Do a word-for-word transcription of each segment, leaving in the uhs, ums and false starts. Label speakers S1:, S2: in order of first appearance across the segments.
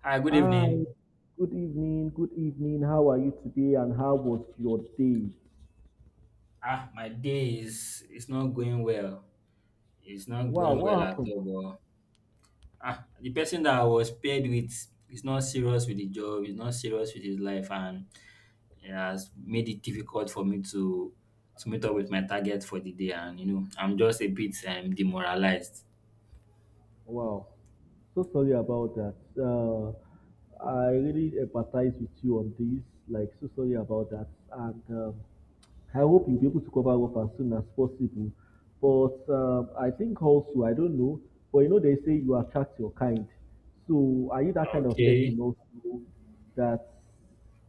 S1: Hi, good
S2: Hi,
S1: evening.
S2: good evening, good evening. How are you today and how was your day?
S1: Ah, my day is it's not going well. It's not
S2: Wow,
S1: going well
S2: what
S1: at
S2: happened?
S1: all. But ah, the person that I was paired with is not serious with the job. He's not serious with his life, and it has made it difficult for me to to meet up with my target for the day. And you know, I'm just a bit um, demoralized.
S2: Wow, so sorry about that. Uh, I really empathize with you on this. Like, so sorry about that. And um, I hope you'll be able to cover up as soon as possible. But um, I think also, I don't know, but you know, they say you attract your kind. So, are you that kind of person
S1: Okay.
S2: also that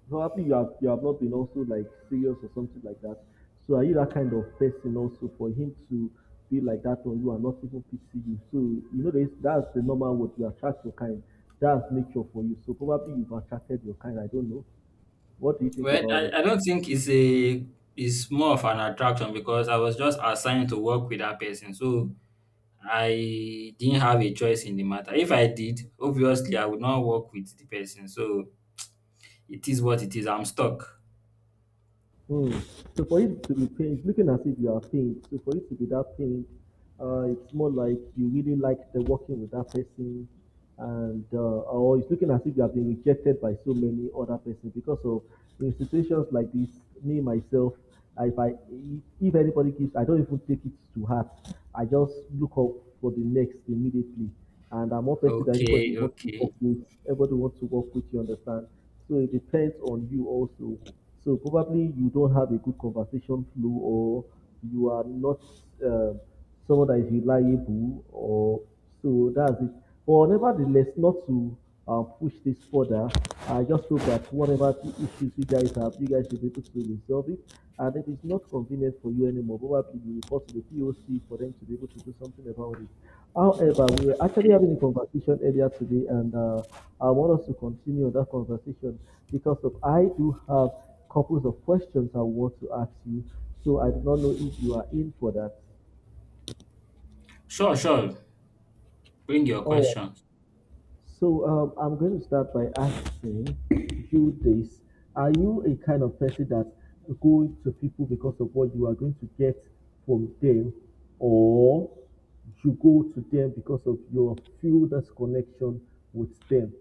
S2: probably you have you have not been also like serious or something like that. So are you that kind of person also for him to be like that on you and not even pity you? So you know this, that's the normal, what you attract your kind. That's nature for you. So probably you've attracted your kind. I don't know. What do you think
S1: Well,
S2: about
S1: I,
S2: it?
S1: I don't think it's a it's more of an attraction because I was just assigned to work with that person. So I didn't have a choice in the matter. If I did, obviously, I would not work with the person. So it is what it is. I'm stuck.
S2: Hmm. So for it to be pain, it's looking as if you are pained. So for it to be that pain, uh, it's more like you really like the working with that person, and uh, or it's looking as if you have been rejected by so many other persons because of in situations like this. Me myself, if I if if anybody gives, I don't even take it to heart. I just look up for the next immediately, and I'm one person that everybody
S1: Okay,
S2: wants to
S1: okay,
S2: work with. Everybody wants to work with. You understand? So it depends on you also. So probably you don't have a good conversation flow, or you are not uh, someone that is reliable, or so that's it. But nevertheless, not to uh, push this further. I just hope that whatever the issues you guys have, you guys should be able to resolve it, and it is not convenient for you anymore. Probably you report to the P O C for them to be able to do something about it. However, we are actually
S1: okay.
S2: having a conversation earlier today, and uh, I want us to continue that conversation because of I do have couples of questions I want to ask you. So I do not know if you are in for that.
S1: Sure, sure. Bring your
S2: All
S1: questions.
S2: So um, I'm going to start by asking you this: are you a kind of person that go to people because of what you are going to get from them, or you go to them because of your few that's connection with them?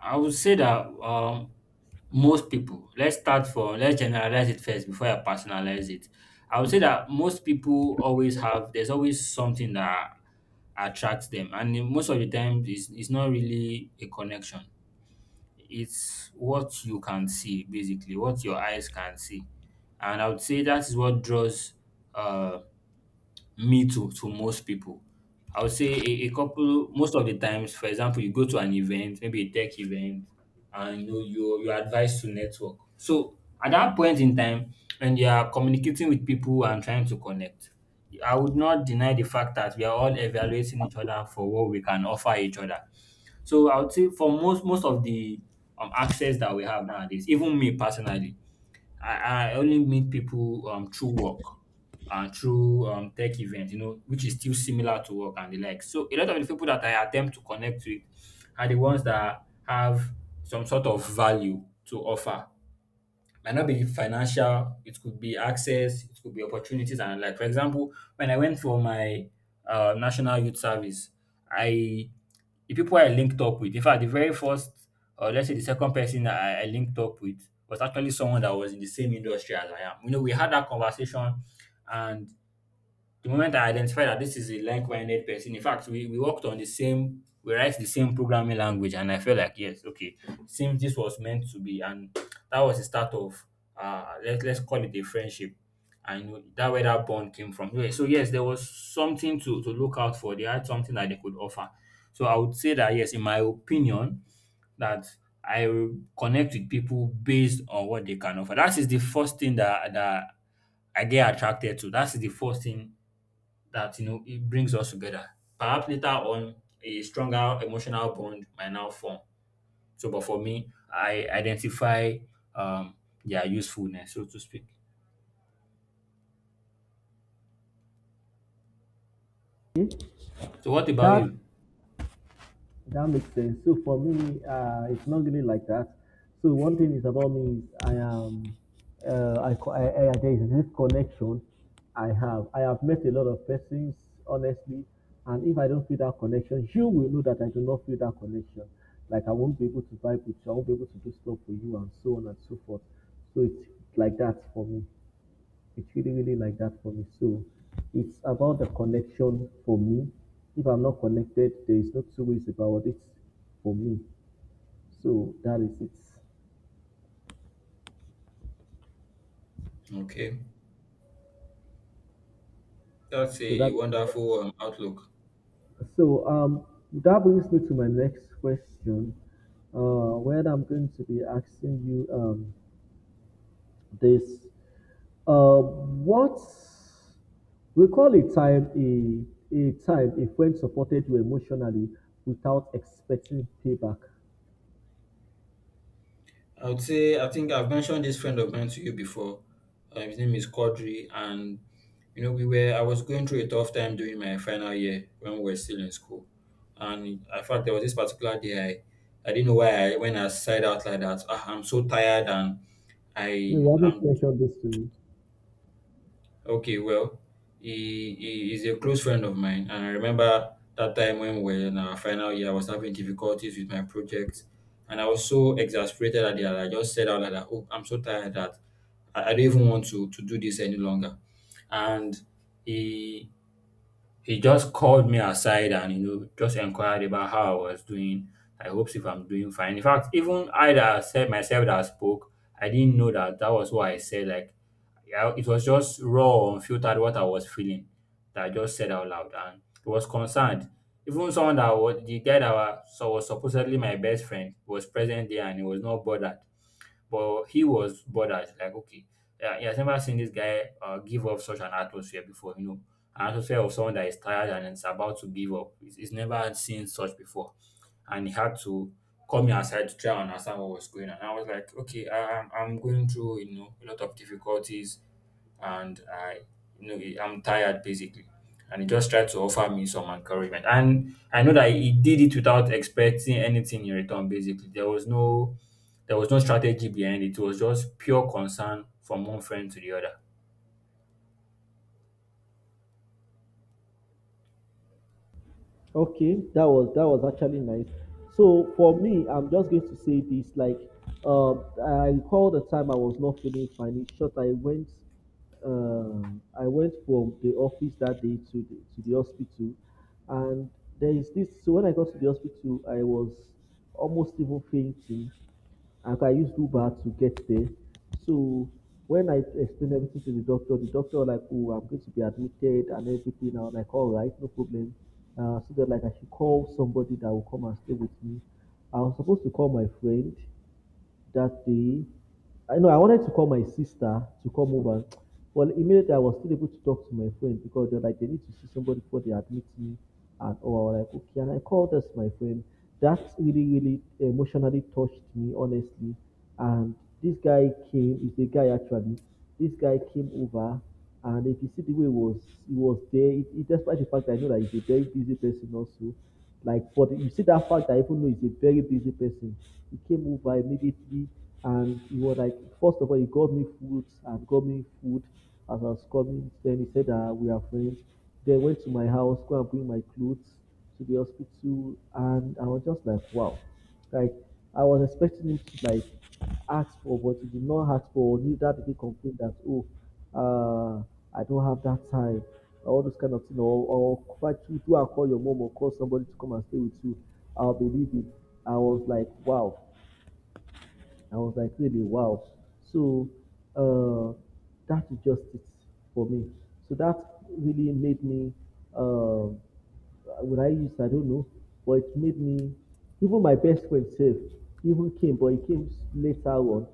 S1: I would say that um, most people, let's start from, let's generalize it first before I personalize it. I would say that most people always have, there's always something that attracts them. And in most of the time, it's, it's not really a connection. It's what you can see, basically, what your eyes can see. And I would say that is what draws uh, me to, to most people. I would say a, a couple, most of the times, for example, you go to an event, maybe a tech event, and you know, you're, you're advised to network. So at that point in time, when you are communicating with people and trying to connect, I would not deny the fact that we are all evaluating each other for what we can offer each other. So I would say for most most of the um, access that we have nowadays, even me personally, I, I only meet people um, through work and through um, tech events, you know, which is still similar to work and the like. So a lot of the people that I attempt to connect with are the ones that have some sort of value to offer. Might not be financial, it could be access, it could be opportunities and the like. For example, when I went for my uh, national youth service, I the people I linked up with, in fact, the very first, or let's say the second person I, I linked up with was actually someone that was in the same industry as I am. You know, we had that conversation and the moment I identified that this is a like-minded person, in fact, we, we worked on the same, we write the same programming language, and I felt like, yes, okay, seems this was meant to be, and that was the start of, uh, let, let's call it a friendship. And that where that bond came from. Yeah, so yes, there was something to, to look out for. They had something that they could offer. So I would say that yes, in my opinion, that I will connect with people based on what they can offer. That is the first thing that that I get attracted to. That is the first thing that you know it brings us together. Perhaps later on, a stronger emotional bond might now form. So, but for me, I identify um, their usefulness, so to speak.
S2: Okay?
S1: So, what about
S2: That
S1: you?
S2: that makes sense. So for me, uh, it's not really like that. So one thing is about me is I am, uh, I, co- I, I there is this connection I have. I have met a lot of persons honestly, and if I don't feel that connection, you will know that I do not feel that connection. Like I won't be able to vibe with you, I won't be able to do stuff for you, and so on and so forth. So it's like that for me. It's really, really like that for me. So it's about the connection for me. If I'm not connected, there is no two ways about it for me. So that is it.
S1: Okay, that's
S2: So
S1: a,
S2: that
S1: a
S2: is it.
S1: wonderful um, outlook.
S2: so um that brings me to my next question. Uh where I'm going to be asking you um this. Uh what Recall a time a a time a friend supported you emotionally without expecting payback.
S1: I would say I think I've mentioned this friend of mine to you before. Uh, his name is Quadri, and you know we were. I was going through a tough time during my final year when we were still in school, and in fact there was this particular day I, I didn't know why I when I sighed out like that. Ah, I'm so tired and
S2: No,
S1: I
S2: you haven't
S1: am.
S2: mentioned this to me.
S1: Okay, well, he, he is a close friend of mine, and I remember that time when we were in our final year, I was having difficulties with my project, and I was so exasperated at it that I just said out like that, "Oh, I'm so tired that I, I don't even want to to do this any longer." And he he just called me aside and, you know, just inquired about how I was doing. I hopes if I'm doing fine. In fact, even I that said myself that spoke, I didn't know that that was what I said. Like, yeah, it was just raw, unfiltered what I was feeling that I just said out loud, and he was concerned. Even someone that was the guy that was, so was supposedly my best friend was present there, and he was not bothered. But he was bothered. Like, okay, yeah, he has never seen this guy uh, give off such an atmosphere before, you know, an atmosphere of someone that is tired and is about to give up. He's, he's never seen such before. And he had to call me aside to try and understand what was going on. I was like, okay, I, I'm, I'm going through, you know, a lot of difficulties and I you know I'm tired basically. And he just tried to offer me some encouragement. And I know that he did it without expecting anything in return, basically. There was no there was no strategy behind it. It was just pure concern from one friend to the other.
S2: Okay, that was that was actually nice. So for me, I'm just going to say this. Like, um, I recall the time I was not feeling fine. In short, I went, uh, I went from the office that day to the, to the hospital, and there is this. So when I got to the hospital, I was almost even fainting, and I can use Uber to get there. So when I explained everything to the doctor, the doctor was like, "Oh, I'm going to be admitted and everything." I was like, "All right, no problem." Uh, so that like I should call somebody that will come and stay with me. I was supposed to call my friend that day. I know I wanted to call my sister to come over. Well, immediately I was still able to talk to my friend because they're like, they need to see somebody before they admit me. And oh, I was like, okay. And I called us my friend. That really, really emotionally touched me, honestly. And this guy came, is a guy actually. This guy came over, and if you see the way he was, he was there. It, it, despite the fact that I know that he's a very busy person also, like, but you see that fact that even though he's a very busy person, he came over immediately, and he was like, first of all, he got me food and got me food as I was coming. Then he said that we are friends. Then went to my house, go and bring my clothes to the hospital, and I was just like, wow. Like I was expecting him to like ask for, but he did not ask for. Neither did he complain that oh, uh, I don't have that time. All those kind of thing, or, or fight you do and call your mom or call somebody to come and stay with you. I'll be leaving. I was like, wow. I was like, really, wow. So uh, that is just it for me. So that really made me, uh, would I use, I don't know, but it made me, even my best friend, safe, even came, but he came later on,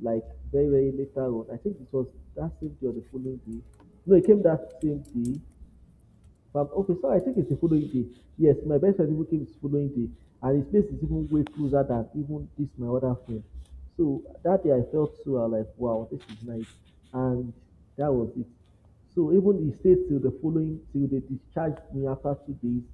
S2: like very, very later on. I think it was that same day or the following day. No, it came that same day. But okay, so I think it's the following day. Yes, my best friend even came the following day, and his place is even way closer than even this my other friend. So that day I felt so I like, wow, this is nice, and that was it. So even he stayed till the following till they discharged me after two days.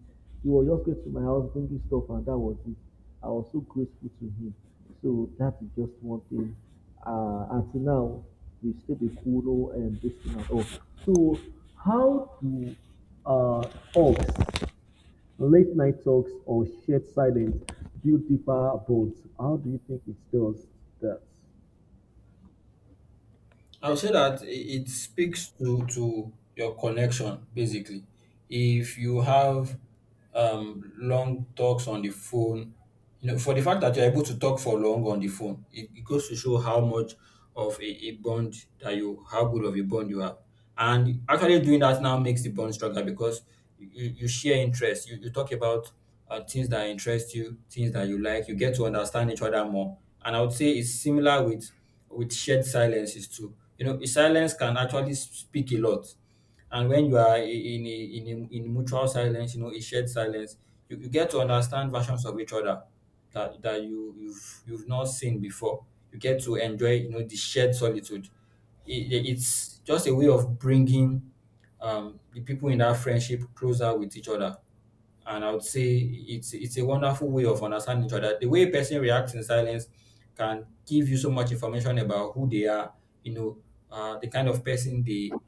S2: He was just going to my house bringing stuff, and that was it. I was so grateful to him. So that is just one thing. Uh, until now, Vistibikulo and this thing and all. So how do uh, talks, late night talks or shared silence build deeper bonds? How do you think it does that?
S1: I would say that i- it speaks to to your connection basically. If you have um, long talks on the phone, you know, for the fact that you're able to talk for long on the phone, it, it goes to show how much of a, a bond that you, how good of a bond you have. And actually doing that now makes the bond stronger because you, you you share interests. You, you talk about uh, things that interest you, things that you like. You get to understand each other more. And I would say it's similar with with shared silences too. You know, silence can actually speak a lot. And when you are i- in a, in a, in mutual silence, you know, a shared silence, you, you get to understand versions of each other that, that you you've you've not seen before. You get to enjoy, you know, the shared solitude. It, it's just a way of bringing um, the people in that friendship closer with each other and I would say it's it's a wonderful way of understanding each other. The way a person reacts in silence can give you so much information about who they are, you know, uh, the kind of person they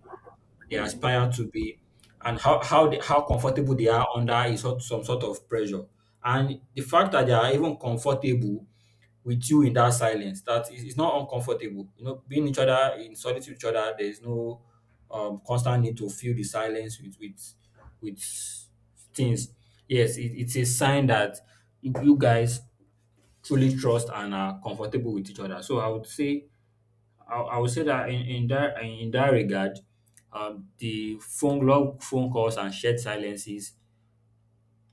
S1: they aspire to be and how how they, how comfortable they are under is sort- some sort of pressure and the fact that they are even comfortable with you in that silence that is it's not uncomfortable, you know, being each other in solitude with each other. There is no um constant need to fill the silence with with with things. Yes, it, it's a sign that you you guys truly trust and are comfortable with each other. So I would say I, I would say that in, in that in that regard, um, the phone long phone calls and shared silences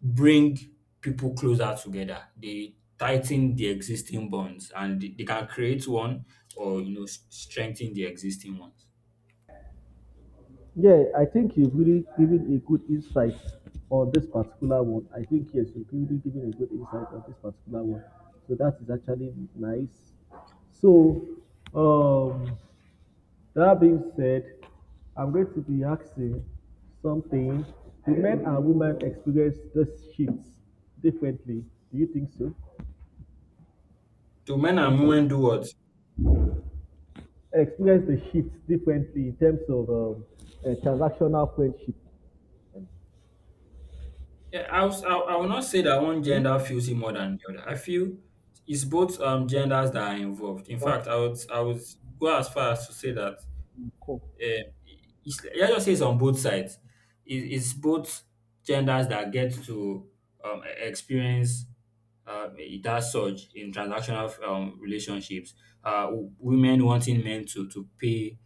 S1: bring people closer together. They tighten the existing bonds and they, they can create one or you know s- strengthen the existing ones.
S2: Yeah, I think you've really given a good insight on this particular one. I think yes, you've really given a good insight on this particular one. So that is actually nice. So um that being said, I'm going to be asking something. Do men and women experience those shifts differently? Do you think so?
S1: Do men and
S2: Huh?
S1: women do what?
S2: Experience the shifts differently in terms of um, uh, transactional friendship.
S1: Yeah, I, was, I, I will not say that one
S2: Hmm?
S1: gender feels it more than the other. I feel it's both um genders that are involved. In
S2: That's
S1: fact, I would I would go as far as to say that
S2: the core.
S1: uh, it's, let just say it's on both sides. It, it's both genders that get to um, e- experience uh, that surge in transactional um, relationships. Uh, w- women wanting men to to pay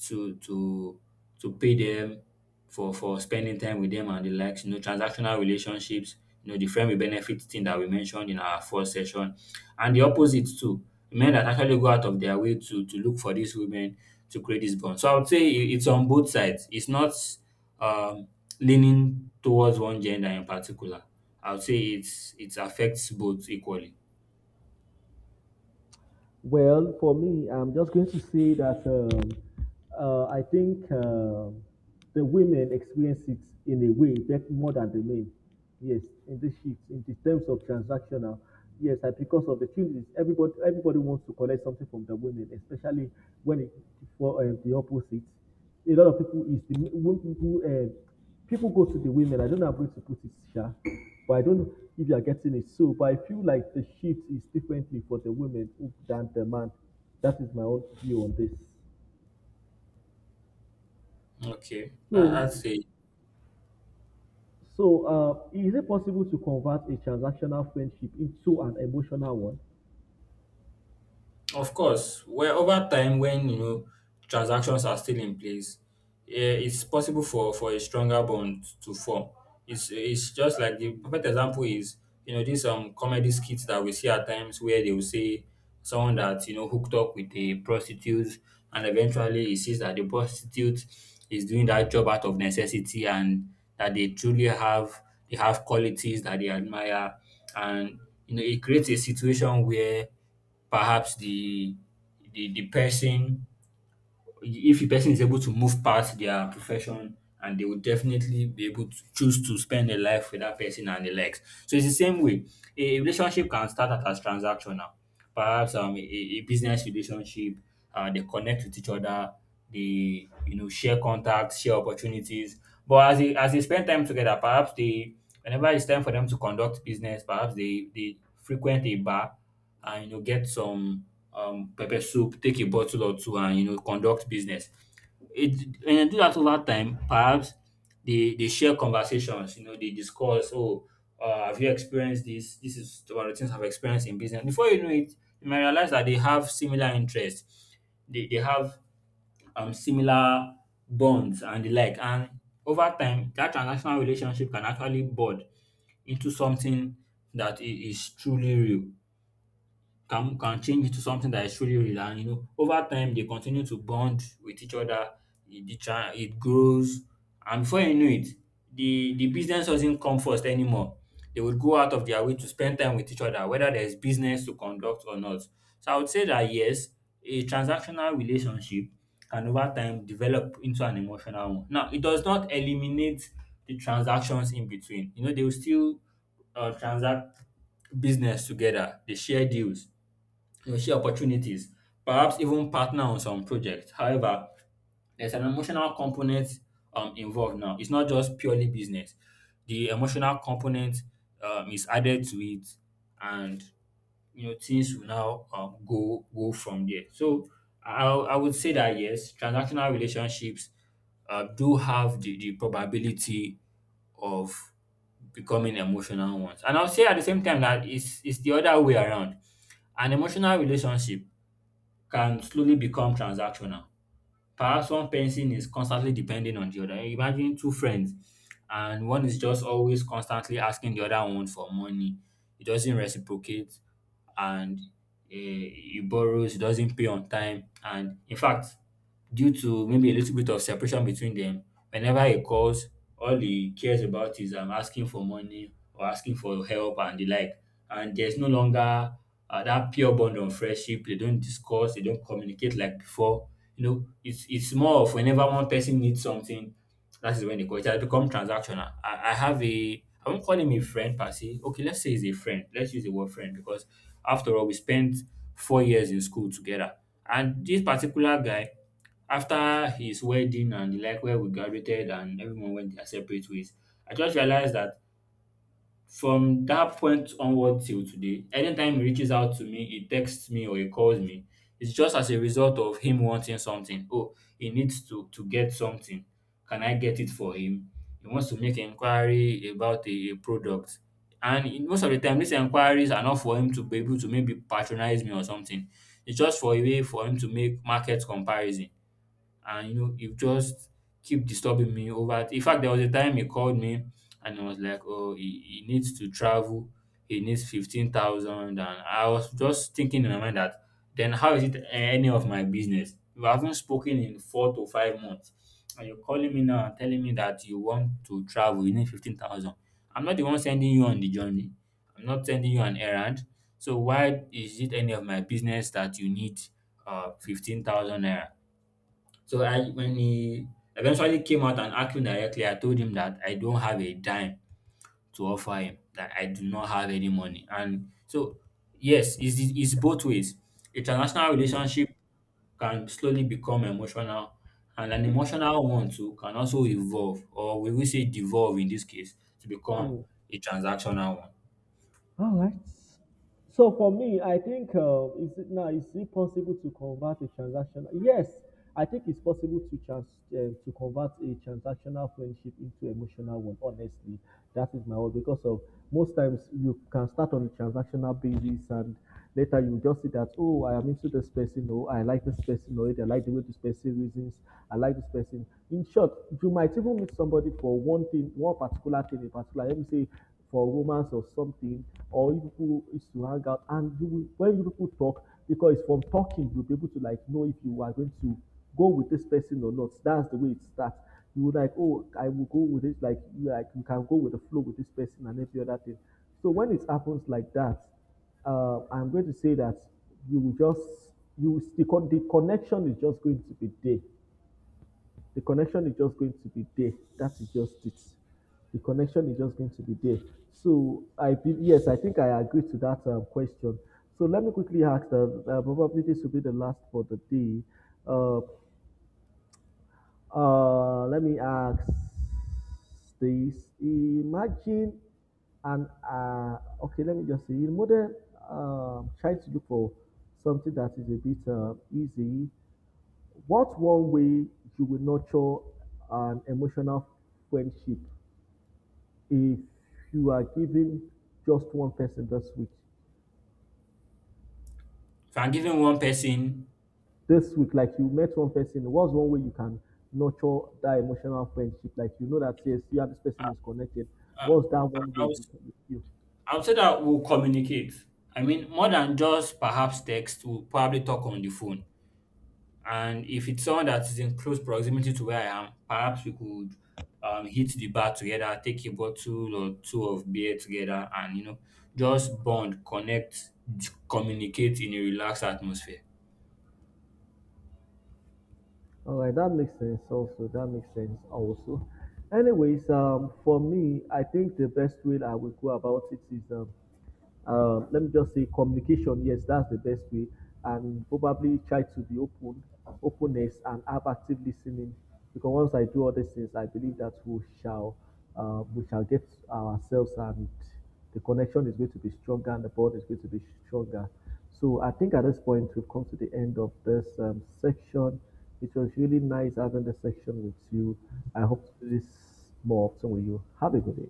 S1: to to to pay them for for spending time with them and the likes. You know, transactional relationships, you know, the friend will benefit thing that we mentioned in our first session. And the opposite too, men that actually go out of their way to to look for these women to create this bond. So I would say it- it's on both sides. It's not um leaning towards one gender in particular. I would say it's it affects both equally.
S2: Well, for me, I'm just going to say that um, uh, I think uh, the women experience it in a way bet- more than the men. Yes, in this shift, in the terms of transactional, yes, I, because of the changes, everybody everybody wants to collect something from the women, especially when it for um, the opposite. A lot of people is the wo- people. Uh, people go to the women. I don't know how going to put it, Sha, but I don't know if you are getting it. So, but I feel like the shift is differently for the women than the man. That is my own view on this.
S1: Okay, that,
S2: So,
S1: that's a
S2: so uh, is it possible to convert a transactional friendship into an emotional one?
S1: of course, where over time when, you know, transactions are still in place, eh, it's possible for for a stronger bond to form. It's it's just like the perfect example is, you know, these um comedy skits that we see at times where they will say someone that, you know, hooked up with a prostitute and eventually he sees that the prostitute is doing that job out of necessity and that they truly have they have qualities that they admire and you know it creates a situation where perhaps the the the person if the person is able to move past their profession and they will definitely be able to choose to spend their life with that person and the likes. So it's the same way. A relationship can start out as transactional. Perhaps um, a, a business relationship, uh, they connect with each other, they you know share contacts, share opportunities. But as they as they spend time together, perhaps they whenever it's time for them to conduct business, perhaps they they frequent a bar and you know get some um pepper soup, take a bottle or two and you know conduct business. It When you do that over time, perhaps they they share conversations, you know, they discuss, oh, uh, have you experienced this? This is one of the things I've experienced in business. Before you know it, you might realize that they have similar interests. They they have um similar bonds and the like. And over time, that transactional relationship can actually bud into something that i- is truly real, can can change into something that is truly real. And you know, over time they continue to bond with each other. It the cha- it grows, and before you know it, the the business doesn't come first anymore. They would go out of their way to spend time with each other whether there is business to conduct or not. So I would say that yes, a transactional relationship can over time develop into an emotional one. Now it does not eliminate the transactions in between. You know, they will still uh, transact business together, they share deals, you know, see opportunities, perhaps even partner on some projects. However, there's an emotional component um, involved now. It's not just purely business. The emotional component um, is added to it, and you know things will now um, go go from there. So I, I would say that yes, transactional relationships uh, do have the, the probability of becoming emotional ones. And I'll say at the same time that it's, it's the other way around. An emotional relationship can slowly become transactional. Perhaps one person is constantly depending on the other. Imagine two friends, and one is just always constantly asking the other one for money. He doesn't reciprocate, and eh, he borrows, he doesn't pay on time. And in fact, due to maybe a little bit of separation between them. Whenever he calls, all he cares about is um, asking for money or asking for help and the like. And there's no longer uh, that pure bond of friendship. They don't discuss, they don't communicate like before. You know, it's it's more of whenever one person needs something, that is when they call. It has become transactional. I, I have a I won't call him a friend per se. Okay, let's say he's a friend. Let's use the word friend because after all, we spent four years in school together. And this particular guy, after his wedding and the like where we graduated and everyone went their separate ways, I just realized that from that point onward till today, anytime he reaches out to me, he texts me or he calls me, it's just as a result of him wanting something. Oh, he needs to to get something. Can I get it for him? He wants to make inquiry about a, a product. And in most of the time, these inquiries are not for him to be able to maybe patronize me or something. It's just for a way for him to make market comparison. And you know, you just keep disturbing me. Over, in fact, there was a time he called me and he was like, oh, he, he needs to travel, he needs fifteen thousand." And I was just thinking in my mind that then how is it any of my business? We haven't spoken in four to five months and you're calling me now and telling me that you want to travel, you need fifteen thousand. I'm not the one sending you on the journey, I'm not sending you an errand. So why is it any of my business that you need uh fifteen thousand naira? So I, when he eventually came out and asked me directly, I told him that I don't have a dime to offer him, that I do not have any money. And so yes, it's, it's both ways. A transactional
S2: Mm,
S1: relationship can slowly become emotional, and an emotional one too can also evolve, or we will say devolve in this case, to become
S2: mm.
S1: a transactional one.
S2: All right. So for me, I think uh, is it now is it possible to convert a transactional? Yes, I think it's possible to trans uh, to convert a transactional friendship into emotional one. Honestly, that is my word because of most times you can start on a transactional basis, and later you just see that oh, I am into this person, oh, I like this person already, I like the way this person reasons, I like this person. In short, you might even meet somebody for one thing, one particular thing, a particular. Let me say for romance or something, or you people is to hang out, and you will, when you people talk, because it's from talking you'll be able to like know if you are going to go with this person or not. That's the way it starts. You will like, oh, I will go with it. Like you like you can go with the flow with this person and every other thing. So when it happens like that, uh, I'm going to say that you will just you the, con- the connection is just going to be there the connection is just going to be there. That is just it. The connection is just going to be there. So I be, yes, I think I agree to that um, question. So let me quickly ask that uh, probably this will be the last for the day. Uh, uh, Let me ask this. Imagine and uh, Okay, let me just see. In modern, um, try to look for something that is a bit uh, easy. What's one way you will nurture an emotional friendship if you are giving just one person this week?
S1: If I'm giving one person,
S2: This week, like you met one person, what's one way you can nurture that emotional friendship? Like you know that yes, you and this person is connected.
S1: uh,
S2: What's that one way
S1: I, would,
S2: you can do?
S1: I would say that we'll communicate. I mean, more than just perhaps text, we'll probably talk on the phone. And if it's someone that is in close proximity to where I am, perhaps we could um, hit the bar together, take a bottle or two of beer together, and you know, just bond, connect, communicate in a relaxed atmosphere.
S2: All right, that makes sense. Also, that makes sense. Also, anyways, um, for me, I think the best way I will go about it is um, uh, let me just say communication, yes, that's the best way, and probably try to be open, openness and have active listening, because once I do all these things I believe that we shall uh, we shall get ourselves, and the connection is going to be stronger and the bond is going to be stronger. So I think at this point we've come to the end of this um, section. It was really nice having this section with you. I hope to do this more often with you. Have a good day.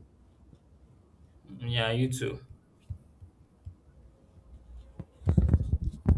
S1: Yeah, you too.